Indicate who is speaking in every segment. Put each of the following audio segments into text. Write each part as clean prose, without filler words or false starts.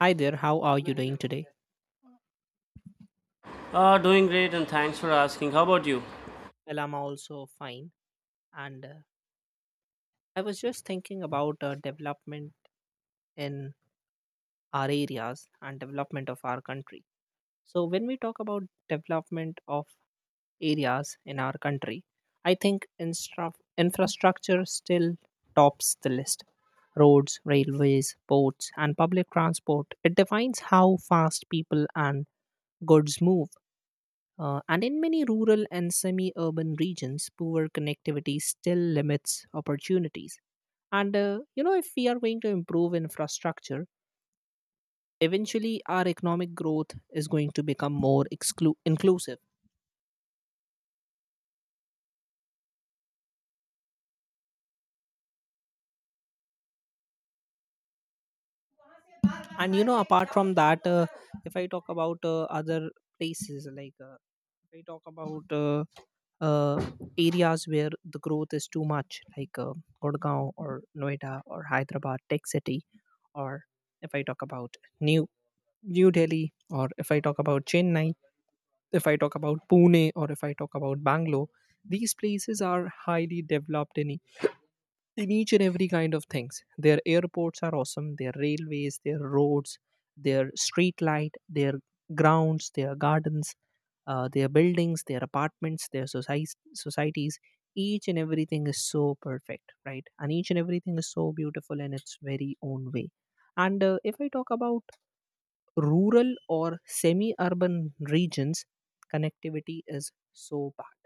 Speaker 1: Hi there, how are you doing today?
Speaker 2: Doing great and thanks for asking. How about you?
Speaker 1: Well, I'm also fine. And I was just thinking about development in our areas and development of our country. So, when we talk about development of areas in our country, I think infrastructure still tops the list. Roads, railways, ports, and public transport. It defines how fast people and goods move. And in many rural and semi urban regions, poor connectivity still limits opportunities. You know, if we are going to improve infrastructure, eventually our economic growth is going to become more inclusive. And, you know, apart from that, if I talk about other places, like, if I talk about uh, areas where the growth is too much, like, Gurgaon or Noida or Hyderabad, Tech City, or if I talk about new New Delhi, or if I talk about Chennai, if I talk about Pune, or if I talk about Bangalore, these places are highly developed in, in each and every kind of things. Their airports are awesome, their railways, their roads, their street light, their grounds, their gardens, their buildings, their apartments, their societies, societies. Each and everything is so perfect, right? And each and everything is so beautiful in its very own way. And If I talk about rural or semi urban regions, connectivity is so bad,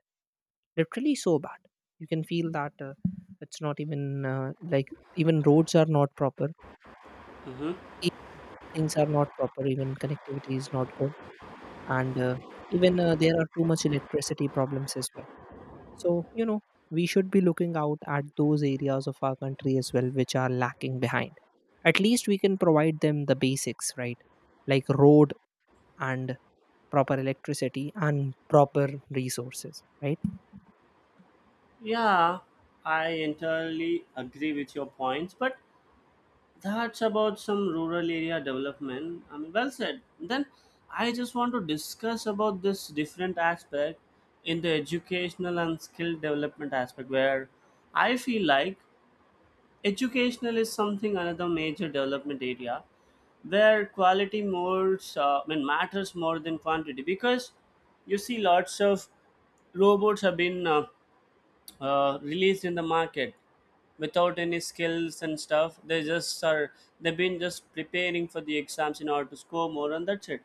Speaker 1: literally so bad. You can feel that it's not even, like, even roads are not proper,
Speaker 2: hmm
Speaker 1: e- things are not proper, even connectivity is not good, and even, there are too much electricity problems as well. So, you know, we should be looking out at those areas of our country as well which are lacking behind. At least we can provide them the basics, right? Like road, and proper electricity and proper resources, right?
Speaker 2: Yeah, I entirely agree with your points, but that's about some rural area development. I mean, well said. Then I just want to discuss about this different aspect in the educational and skill development aspect where I feel like educational is something another major development area where quality more I mean, matters more than quantity because you see lots of robots have been released in the market without any skills and stuff. They've been just preparing for the exams in order to score more, and that's it.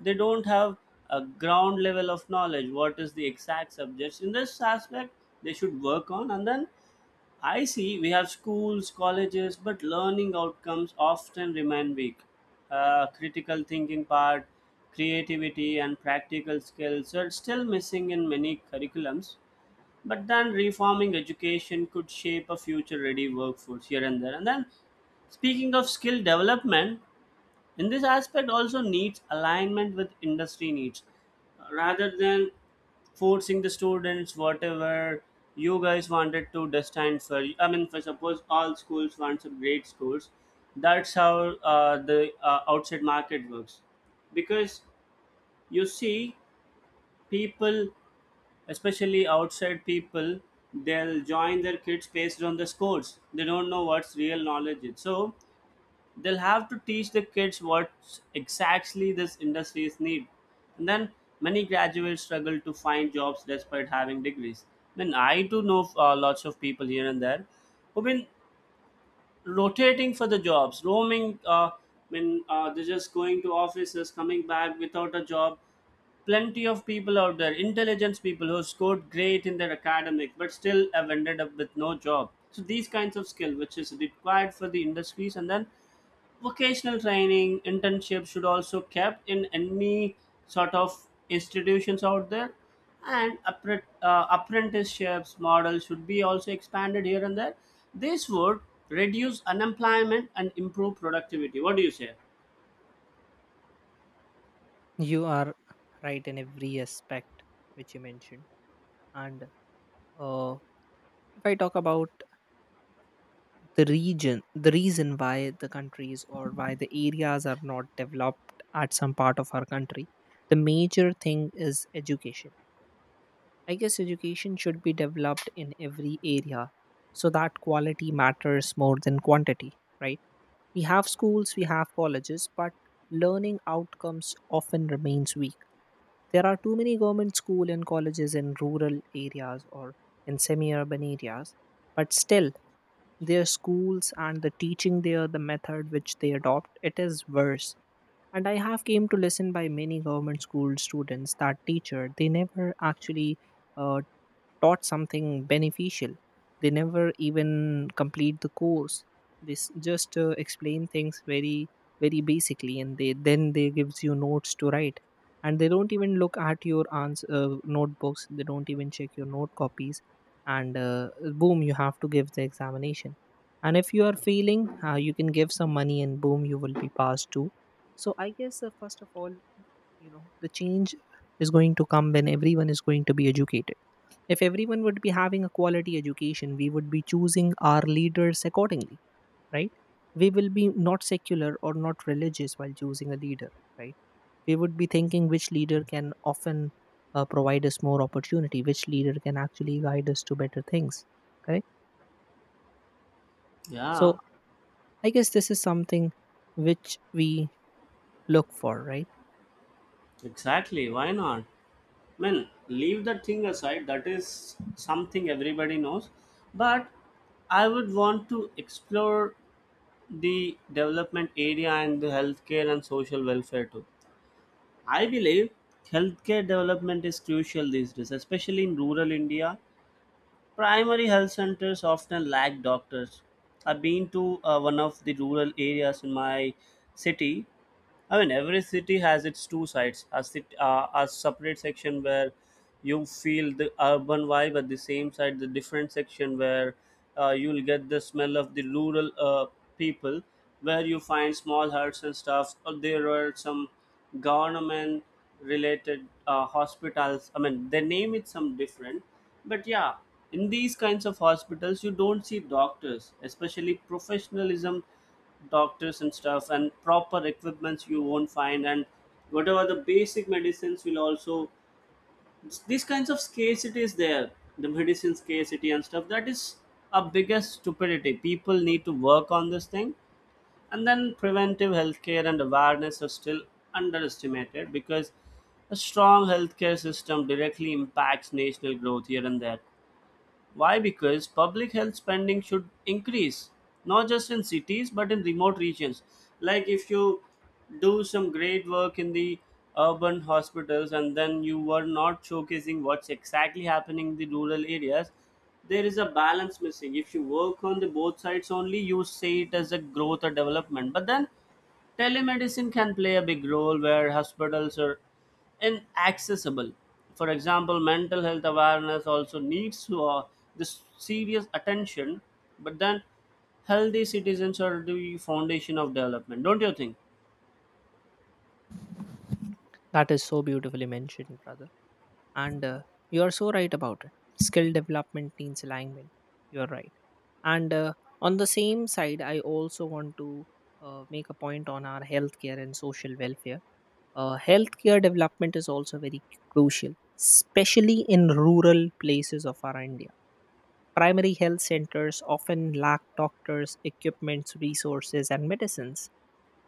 Speaker 2: They don't have a ground level of knowledge. What is the exact subjects in this aspect they should work on, and then I see we have schools, colleges, but learning outcomes often remain weak. Critical thinking part, creativity, and practical skills are still missing in many curriculums. But then reforming education could shape a future ready workforce here and there. And then speaking of skill development, and this aspect also needs alignment with industry needs rather than forcing the students whatever you guys wanted to destine for. I mean, for suppose all schools want some great schools, that's how the outside market works because you see people, especially outside people, they'll join their kids based on the scores. They don't know what's real knowledge is, so they'll have to teach the kids what exactly this industries need. And then many graduates struggle to find jobs despite having degrees. I mean, I do know lots of people here and there who've been rotating for the jobs, roaming, I mean, they're just going to offices coming back without a job. Plenty of people out there, intelligence people who scored great in their academic, but still have ended up with no job. So these kinds of skill, which is required for the industries, and then vocational training internship should also kept in any sort of institutions out there, and apprenticeships model should be also expanded here and there. This would reduce unemployment and improve productivity. What do you say?
Speaker 1: You are right in every aspect which you mentioned. And uh, if I talk about the reason why the countries or why the areas are not developed at some part of our country, the major thing is education. I guess education should be developed in every area so that quality matters more than quantity, right? We have schools, we have colleges, but learning outcomes often remains weak. There are too many government school and colleges in rural areas or in semi-urban areas, but still their schools and the teaching there, the method which they adopt, it is worse. And I have came to listen by many government school students that teacher they never actually uh, taught something beneficial. They never even complete the course. They just explain things very very basically, and they then they gives you notes to write, and they don't even look at your notebooks, they don't even check your note copies. And Boom, you have to give the examination. And if you are failing, you can give some money and boom you will be passed too. So I guess, first of all, you know, the change is going to come when everyone is going to be educated. If everyone would be having a quality education, we would be choosing our leaders accordingly, right? We will be not secular or not religious while choosing a leader, right? We would be thinking which leader can often provide us more opportunity, which leader can actually guide us to better things, correct?
Speaker 2: Yeah,
Speaker 1: So I guess this is something which we look for, right?
Speaker 2: exactly, why not? I mean, leave that thing aside, that is something everybody knows, but I would want to explore the development area and the healthcare and social welfare too. I believe healthcare development is crucial these days, especially in rural India. Primary health centers often lack doctors. I've been to one of the rural areas in my city. I mean, every city has its two sides. A separate section where you feel the urban vibe, at the same side, the different section where you'll get the smell of the rural people, where you find small huts and stuff. Or there are some government-related hospitals. I mean, they name it some different, but yeah, in these kinds of hospitals, you don't see doctors, especially professionalism doctors and stuff, and proper equipments you won't find, and whatever the basic medicines will also, these kinds of scarcity is there. The medicine scarcity and stuff, that is a biggest stupidity. People need to work on this thing. And then preventive healthcare and awareness are still underestimated because a strong healthcare system directly impacts national growth here and there. Why? Because public health spending should increase, not just in cities but in remote regions. Like if you do some great work in the urban hospitals and then you were not showcasing what's exactly happening in the rural areas, there is a balance missing. If you work on the both sides only, you say it as a growth or development. But then telemedicine can play a big role where hospitals or and accessible. For example, mental health awareness also needs to, this serious attention, but then healthy citizens are the foundation of development, don't you think?
Speaker 1: That is so beautifully mentioned, brother. And You are so right about it. Skill development needs alignment. You are right. and On the same side I also want to make a point on our healthcare and social welfare. Healthcare development is also very crucial, especially in rural places of our India. Primary health centers often lack doctors, equipments, resources, and medicines.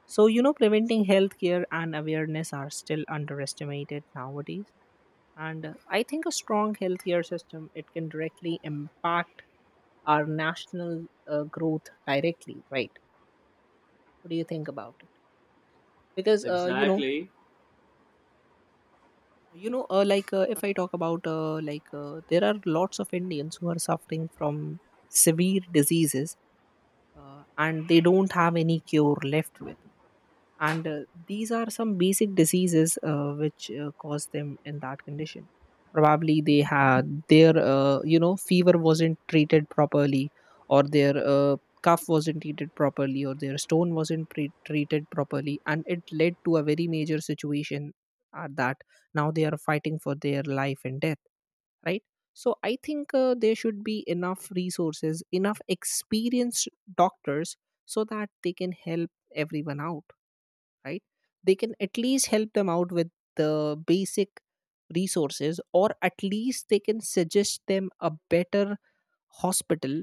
Speaker 1: So, you know, preventing healthcare and awareness are still underestimated nowadays. And I think a strong healthcare system, it can directly impact our national growth directly, right? What do you think about it? Because, you know,
Speaker 2: Exactly.
Speaker 1: you know, like, if I talk about, like, there are lots of Indians who are suffering from severe diseases, and they don't have any cure left. And These are some basic diseases, which cause them in that condition. Probably they had their, you know, fever wasn't treated properly, or their, cough wasn't treated properly, or their stone wasn't treated properly and it led to a very major situation at that. Now they are fighting for their life and death, right? So I think, there should be enough resources, enough experienced doctors, so that they can help everyone out, right? They can at least help them out with the basic resources, or at least they can suggest them a better hospital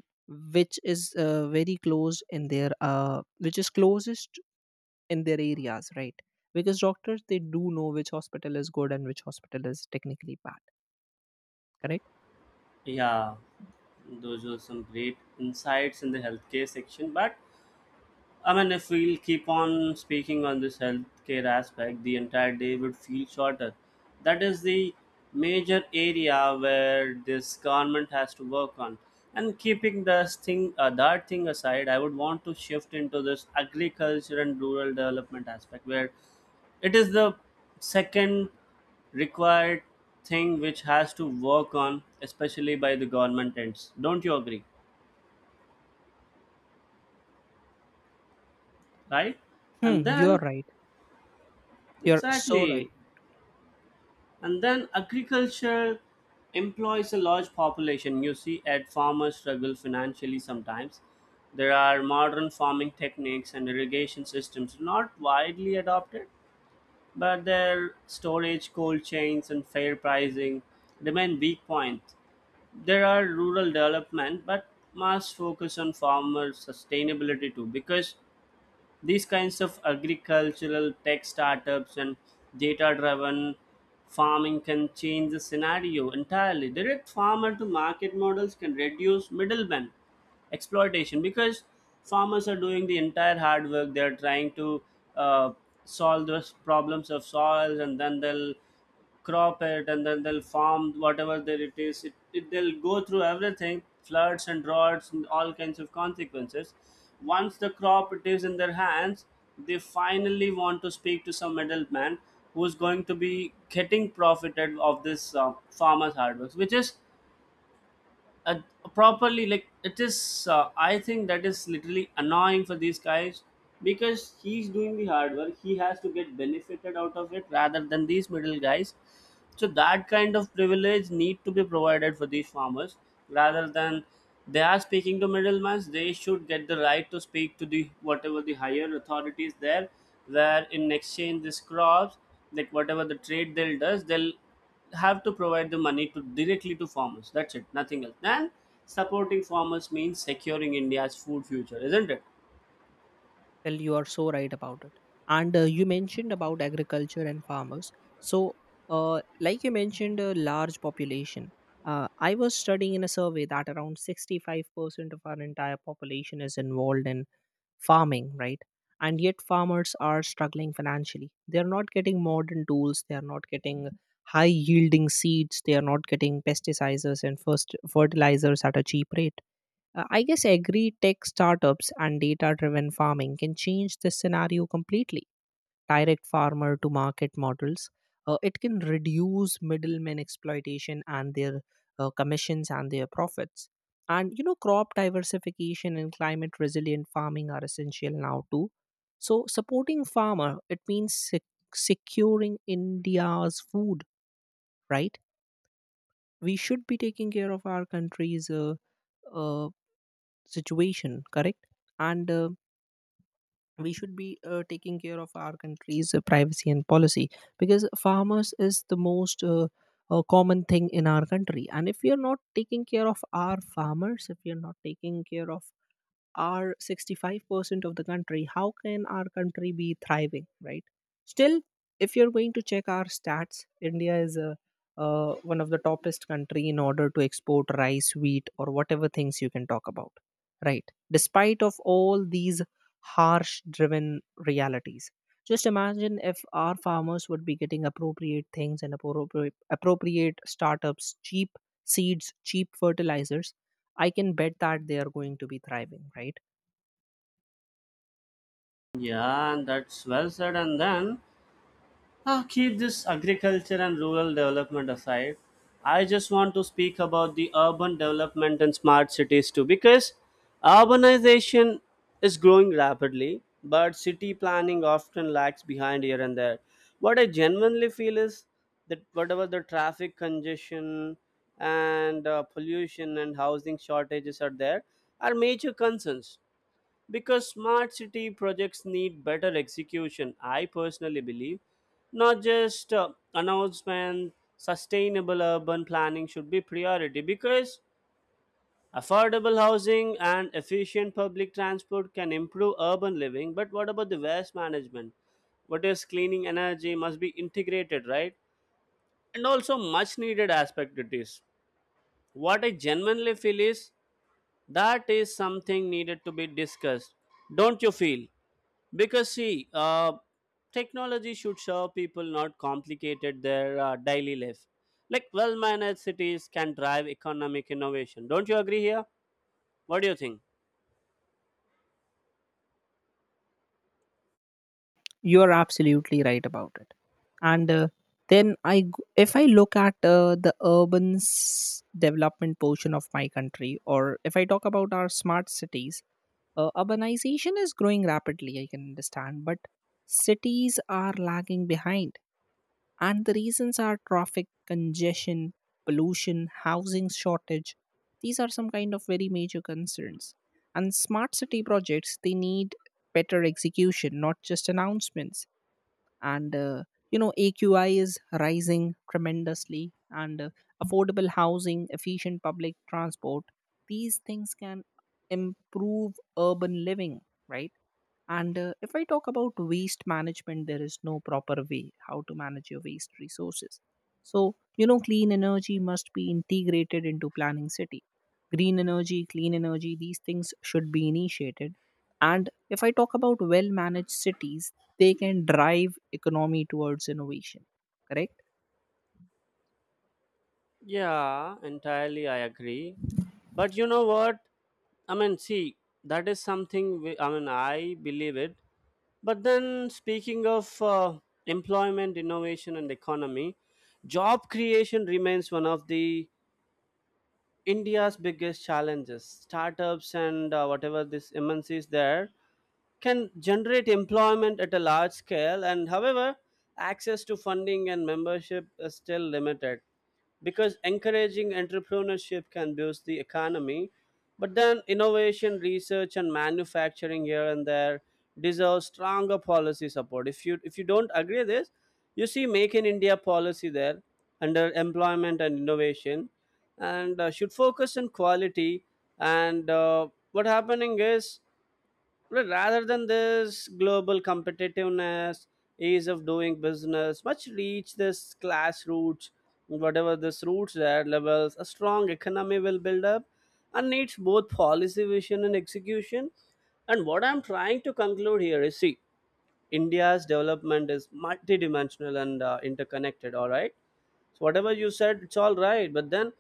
Speaker 1: which is, very close in their which is closest in their areas, right? Because doctors, they do know which hospital is good and which hospital is technically bad, correct?
Speaker 2: Yeah, those were some great insights in the healthcare section, but I mean, if we'll keep on speaking on this healthcare aspect, the entire day would feel shorter. That is the major area where this government has to work on. And keeping that thing aside, I would want to shift into this agriculture and rural development aspect, where it is the second required thing which has to work on, especially by the government ends. Don't you agree? Right? And
Speaker 1: Hmm, you are
Speaker 2: then,
Speaker 1: right. You're so right.
Speaker 2: exactly, and then agriculture employs a large population. You see, at farmers struggle financially sometimes. There are modern farming techniques and irrigation systems not widely adopted, but their storage, cold chains, and fair pricing remain weak points. There are rural development, but must focus on farmer sustainability too, because these kinds of agricultural tech startups and data driven farming can change the scenario entirely. Direct farmer to market models can reduce middlemen exploitation because farmers are doing the entire hard work. They're trying to uh, solve those problems of soils, and then they'll crop it, and then they'll farm whatever there it is, it they'll go through everything, floods and droughts and all kinds of consequences. Once the crop it is in their hands, they finally want to speak to some middleman who's going to be getting profited of this farmer's hard work, which is uh, properly like it is. I think that is literally annoying for these guys because he's doing the hard work. He has to get benefited out of it rather than these middle guys. So that kind of privilege need to be provided for these farmers, rather than they are speaking to middlemen. They should get the right to speak to the whatever the higher authorities there, where in exchange this crops, like whatever the trade they'll does, they'll have to provide the money to directly to farmers. That's it, nothing else. And supporting farmers means securing India's food future, isn't it?
Speaker 1: Well, you are so right about it. And You mentioned about agriculture and farmers. So, like you mentioned, a large population. I was studying in a survey that around 65% of our entire population is involved in farming, right? And yet, farmers are struggling financially. They are not getting modern tools, they are not getting high yielding seeds, they are not getting pesticides and first fertilizers at a cheap rate. I guess agri tech startups and data driven farming can change this scenario completely. Direct farmer to market models, it can reduce middlemen exploitation and their commissions and their profits. And you know, crop diversification and climate resilient farming are essential now too. So, supporting farmer it means securing India's food, right? We should be taking care of our country's uh, situation, correct? And We should be taking care of our country's privacy and policy, because farmers is the most, common thing in our country. And if we are not taking care of our farmers, if we are not taking care of are 65% of the country, how can our country be thriving, right? Still, if you're going to check our stats, India is a, one of the toppest country in order to export rice, wheat, or whatever things you can talk about, right? Despite of all these harsh driven realities. Just imagine if our farmers would be getting appropriate things and appropriate startups, cheap seeds, cheap fertilizers, I can bet that they are going to be thriving, right?
Speaker 2: Yeah, and that's well said, and then keep this agriculture and rural development aside. I just want to speak about the urban development and smart cities too, because urbanization is growing rapidly, but city planning often lags behind here and there. What I genuinely feel is that whatever the traffic congestion and pollution and housing shortages are there are major concerns because smart city projects need better execution, I personally believe, not just announcement. Sustainable urban planning should be priority because affordable housing and efficient public transport can improve urban living. But what about the waste management? What is cleaning energy must be integrated, right? And also much needed aspect it is. What I genuinely feel is that is something needed to be discussed. Don't you feel? Because see, technology should serve people, not complicated their daily life. Like well-managed cities can drive economic innovation. Don't you agree here? What do you think?
Speaker 1: You are absolutely right about it. And then I g- If I look at, the development portion of my country, or if I talk about our smart cities, urbanization is growing rapidly, I can understand, but cities are lagging behind. And the reasons are traffic, congestion, pollution, housing shortage. These are some kind of very major concerns. And smart city projects, they need better execution, not just announcements. And You know, aqi is rising tremendously, and affordable housing, efficient public transport, these things can improve urban living, right? and If I talk about waste management, there is no proper way how to manage your waste resources. So, you know, clean energy must be integrated into planning city. Green energy, clean energy, these things should be initiated. And if I talk about well managed cities, they can drive economy towards innovation. Correct?
Speaker 2: Yeah, entirely I agree. But you know what? I mean, see, that is something we, I mean, I believe it. But then, speaking of employment, innovation, and economy, job creation remains one of the India's biggest challenges. Startups and whatever this MNC is there can generate employment at a large scale, and however, access to funding and membership is still limited because encouraging entrepreneurship can boost the economy. But then innovation research and manufacturing here and there deserve stronger policy support. If you don't agree this, you see, Make in India policy there under employment and innovation, and should focus on quality. And what happening is, but rather than this global competitiveness, ease of doing business, much reach this class roots, whatever this roots that levels, a strong economy will build up and needs both policy vision and execution. And what I'm trying to conclude here is, see, India's development is multidimensional and interconnected, all right? So whatever you said, it's all right. But then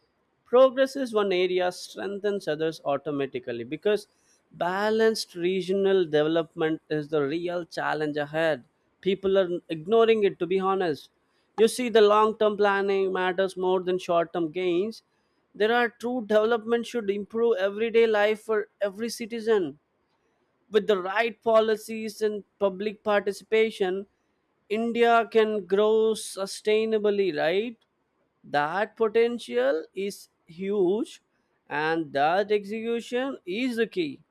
Speaker 2: progress is one area, strengthens others automatically because balanced regional development is the real challenge ahead. People are ignoring it, to be honest. You see, the long term planning matters more than short term gains. There are true development should improve everyday life for every citizen. With the right policies and public participation, India can grow sustainably, right? That potential is huge, and that execution is the key.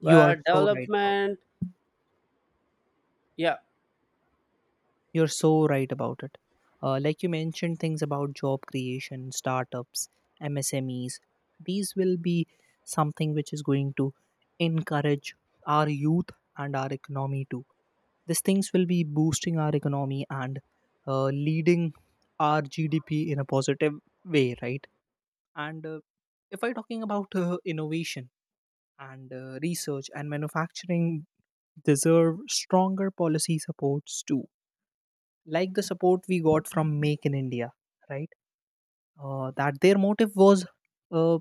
Speaker 1: You are so right about
Speaker 2: development, yeah,
Speaker 1: You're so right about it. Like you mentioned, things about job creation, startups, MSMEs, these will be something which is going to encourage our youth and our economy too. These things will be boosting our economy and leading our GDP in a positive way, right? And If I'm talking about innovation and research and manufacturing, deserve stronger policy supports too, like the support we got from Make in India, right? That their motive was uh,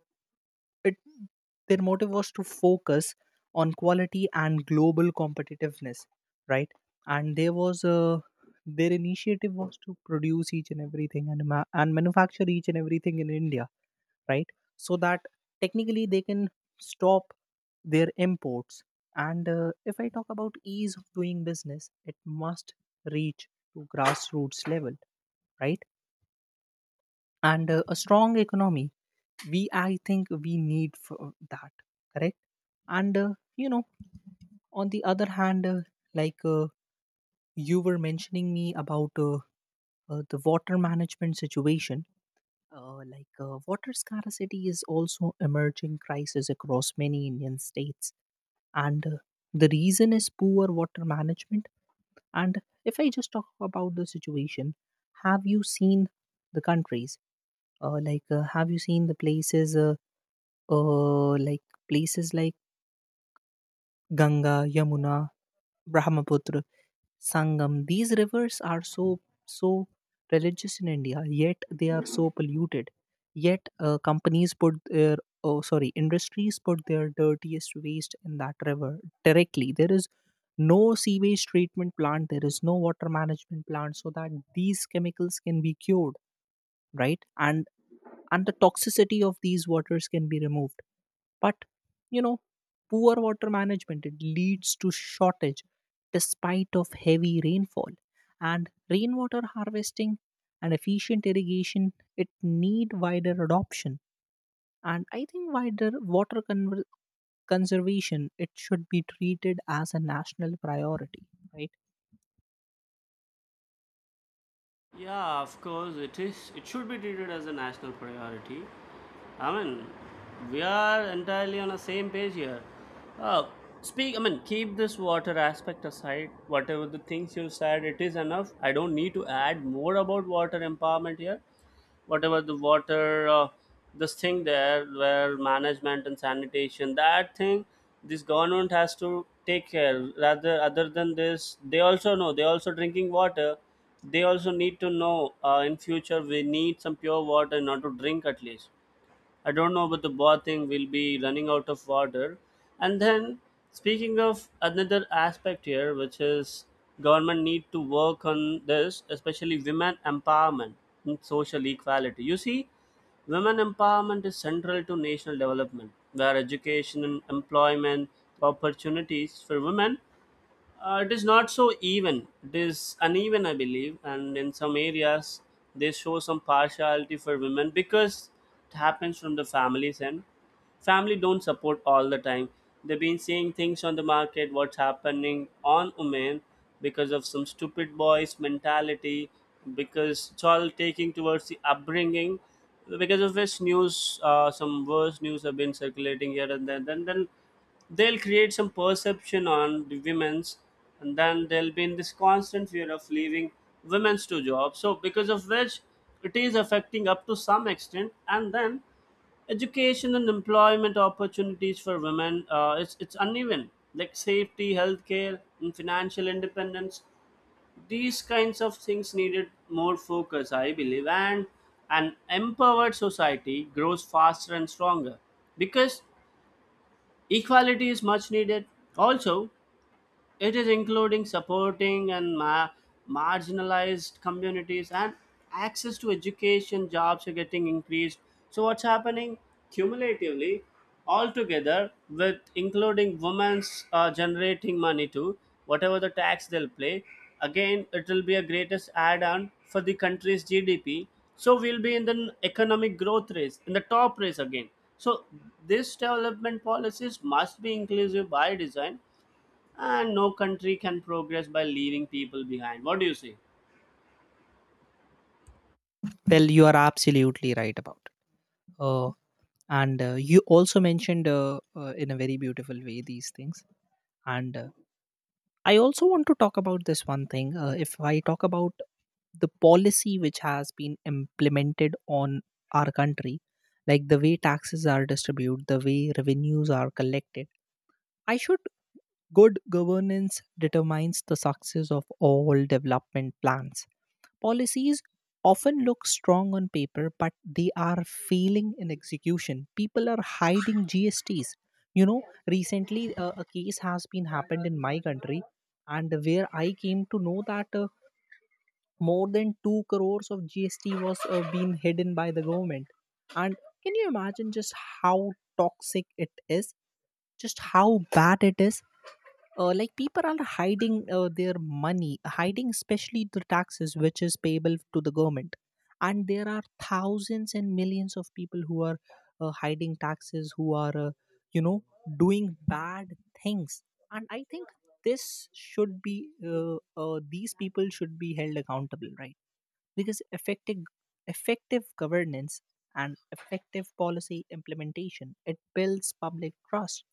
Speaker 1: it Their motive was to focus on quality and global competitiveness, right? And there was a, their initiative was to produce each and everything and and manufacture each and everything in India, right? So that technically they can stop their imports. And If I talk about ease of doing business, it must reach to grassroots level, right? And A strong economy, we I think we need for that, correct? And You know, on the other hand, like, you were mentioning me about, the water management situation. Water scarcity is also emerging crisis across many Indian states and the reason is poor water management, and if I just talk about the situation, have you seen the countries, have you seen the places, uh, like places like ganga yamuna brahmaputra Sangam. These rivers are so religious in India, yet they are so polluted. Yet companies put their oh sorry industries put their dirtiest waste in that river directly. There is no sewage treatment plant. There is no water management plant, so that these chemicals can be cured, right? And the toxicity of these waters can be removed. But you know, poor water management, it leads to shortage despite of heavy rainfall. And rainwater harvesting and efficient irrigation, it need wider adoption. And I think wider water conver conservation, it should be treated as a national priority, right?
Speaker 2: yeah, of course it is. It should be treated as a national priority. I mean, we are entirely on the same page here. Uh, speak. I mean, keep this water aspect aside. Whatever the things you said, it is enough. I don't need to add more about water empowerment here. Whatever the water this thing there where management and sanitation, that thing this government has to take care. Rather other than this, they also know, they also drinking water, they also need to know in future we need some pure water, not to drink at least. I don't know, but the boat thing will be running out of water. And then, speaking of another aspect here, which is government need to work on this, especially women empowerment and social equality. You see, women empowerment is central to national development, where education and employment opportunities for women it is not so even. It is uneven, I believe, and in some areas they show some partiality for women because it happens from the family's end. Family don't support all the time. They've been seeing things on the market, what's happening on women because of some stupid boys mentality, because it's all taking towards the upbringing. Because of which news, some worse news have been circulating here and there. Then they'll create some perception on the women's and then there'll be in this constant fear of leaving women's to jobs so because of which it is affecting up to some extent and then education and employment opportunities for women it's uneven like safety healthcare and financial independence these kinds of things needed more focus I believe and an empowered society grows faster and stronger because equality is much needed. Also, it is including supporting and marginalized communities and access to education, jobs are getting increased. So what's happening cumulatively altogether with including women's generating money too, whatever the tax they'll play, again it will be a greatest add-on for the country's GDP. So we'll be in the economic growth race, in the top race again. So this development policies must be inclusive by design and no country can progress by leaving people behind. What do you say?
Speaker 1: Well, you are absolutely right about. It. Uh, and you also mentioned in a very beautiful way these things, and I also want to talk about this one thing. If I talk about the policy which has been implemented on our country, like the way taxes are distributed, the way revenues are collected, I should good governance determines the success of all development plans. Policies often look strong on paper, but they are failing in execution. People are hiding GSTs. You know, recently a case has been happened in my country, and where I came to know that more than two crores of GST was being hidden by the government. And can you imagine just how toxic it is? Just how bad it is? People are hiding their money, hiding especially the taxes which is payable to the government, and there are thousands and millions of people who are hiding taxes, who are you know doing bad things. And I think this should be uh, these people should be held accountable, right? Because effective governance and effective policy implementation, it builds public trust.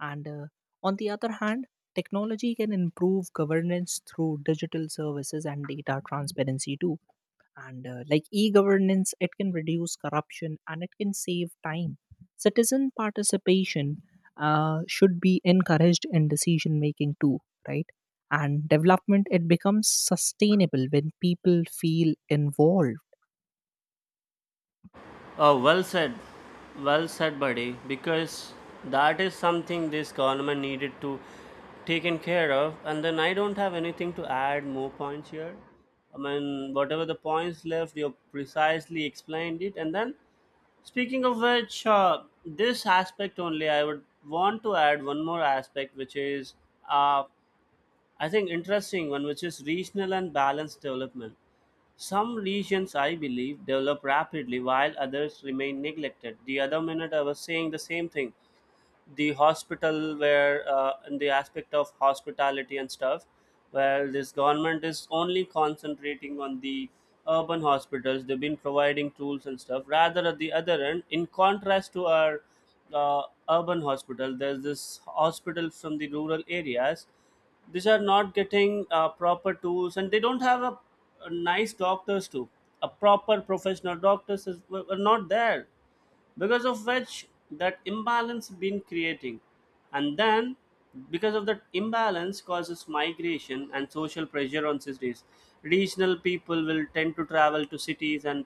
Speaker 1: And on the other hand, technology can improve governance through digital services and data transparency too. And e governance, it can reduce corruption and it can save time. Citizen participation should be encouraged in decision making too, right? And development, it becomes sustainable when people feel involved.
Speaker 2: Oh, well said. Well said, buddy. Because that is something this government needed to taken care of. And then I don't have anything to add more points here. I mean, whatever the points left, you precisely explained it. And then, speaking of which, this aspect only, I would want to add one more aspect, which is uh, I think interesting one, which is regional and balanced development. Some regions, I believe, develop rapidly while others remain neglected. The other minute, I was saying the same thing, the hospital where, in the aspect of hospitality and stuff, where this government is only concentrating on the urban hospitals. They've been providing tools and stuff rather at the other end. In contrast to our uh, urban hospital, there's this hospital from the rural areas. These are not getting proper tools and they don't have a nice doctors too. A proper professional doctors is, were not there because of which that imbalance been creating. And then because of that, imbalance causes migration and social pressure on cities. Regional people will tend to travel to cities and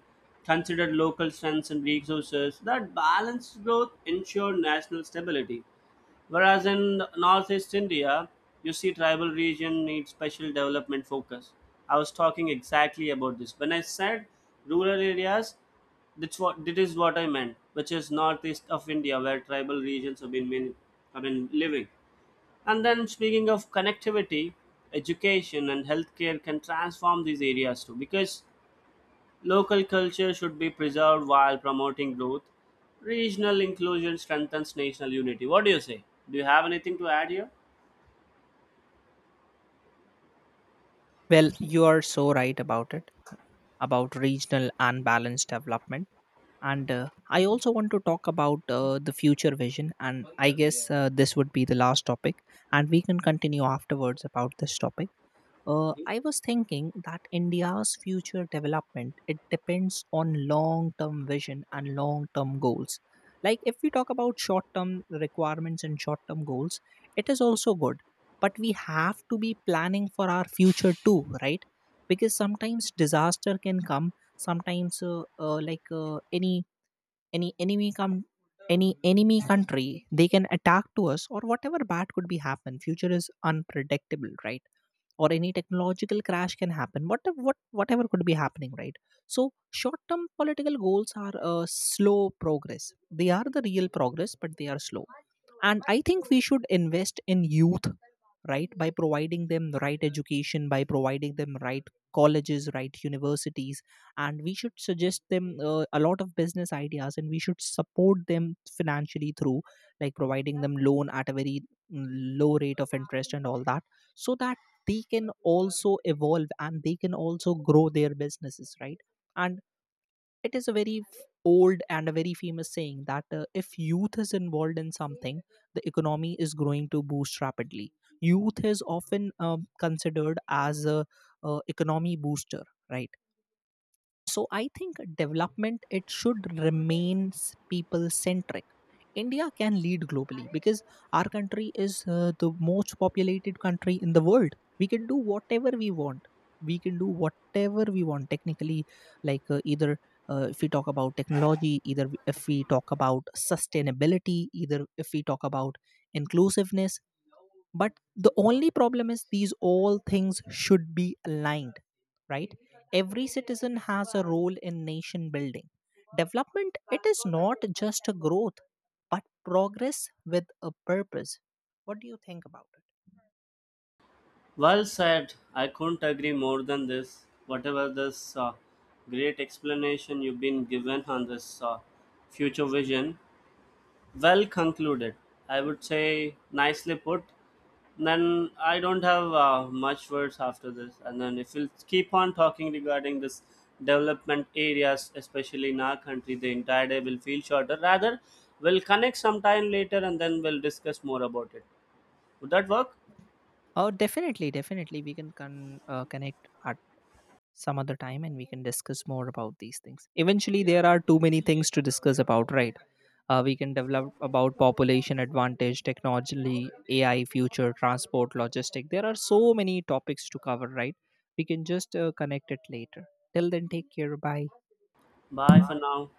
Speaker 2: consider local strengths and resources, that balanced growth ensure national stability. Whereas in Northeast India, you see tribal region needs special development focus. I was talking exactly about this. When I said rural areas, that is what I meant, which is northeast of India where tribal regions have been have been living. And then speaking of connectivity, education and healthcare can transform these areas too, because local culture should be preserved while promoting growth. Regional inclusion strengthens national unity. What do you say? Do you have anything to add here?
Speaker 1: Well, you are so right about it, about regional and balanced development. And I also want to talk about the future vision. And I guess this would be the last topic. And we can continue afterwards about this topic. I was thinking that India's future development, it depends on long-term vision and long-term goals. Like if we talk about short-term requirements and short-term goals, it is also good, but we have to be planning for our future too, right? Because sometimes disaster can come. Sometimes, any enemy come, any enemy country, they can attack to us, or whatever bad could be happen. Future is unpredictable, right? Or any technological crash can happen. What whatever could be happening, right? So short term political goals are a slow progress, they are the real progress, but they are slow. And I think we should invest in youth, right? By providing them the right education, by providing them right colleges, right universities. And we should suggest them a lot of business ideas, and we should support them financially through like providing them loan at a very mm, low rate of interest and all that, so that they can also evolve and they can also grow their businesses, right? And it is a very old and a very famous saying that if youth is involved in something, the economy is growing to boost rapidly. Youth is often considered as a, economy booster, right? So I think development, it should remain people centric. India can lead globally because our country is the most populated country in the world. We can do whatever we want, we can do whatever we want technically, like either if we talk about technology, either if we talk about sustainability, either if we talk about inclusiveness. But the only problem is these all things should be aligned, right? Every citizen has a role in nation building. Development, it is not just a growth, but progress with a purpose. What do you think about it?
Speaker 2: Well said. I couldn't agree more than this. Whatever this great explanation you've been given on this future vision, well concluded. I would say nicely put. Then I don't have much words after this. And then if we'll keep on talking regarding this development areas, especially in our country, the entire day will feel shorter. Rather, we'll connect sometime later and then we'll discuss more about it. Would that work?
Speaker 1: Oh, definitely, definitely we can connect our some other time and we can discuss more about these things. Eventually, there are too many things to discuss about, right? We can develop about population advantage, technology, AI, future, transport, logistic. There are so many topics to cover, right? We can just connect it later. Till then, take care. Bye.
Speaker 2: Bye for now.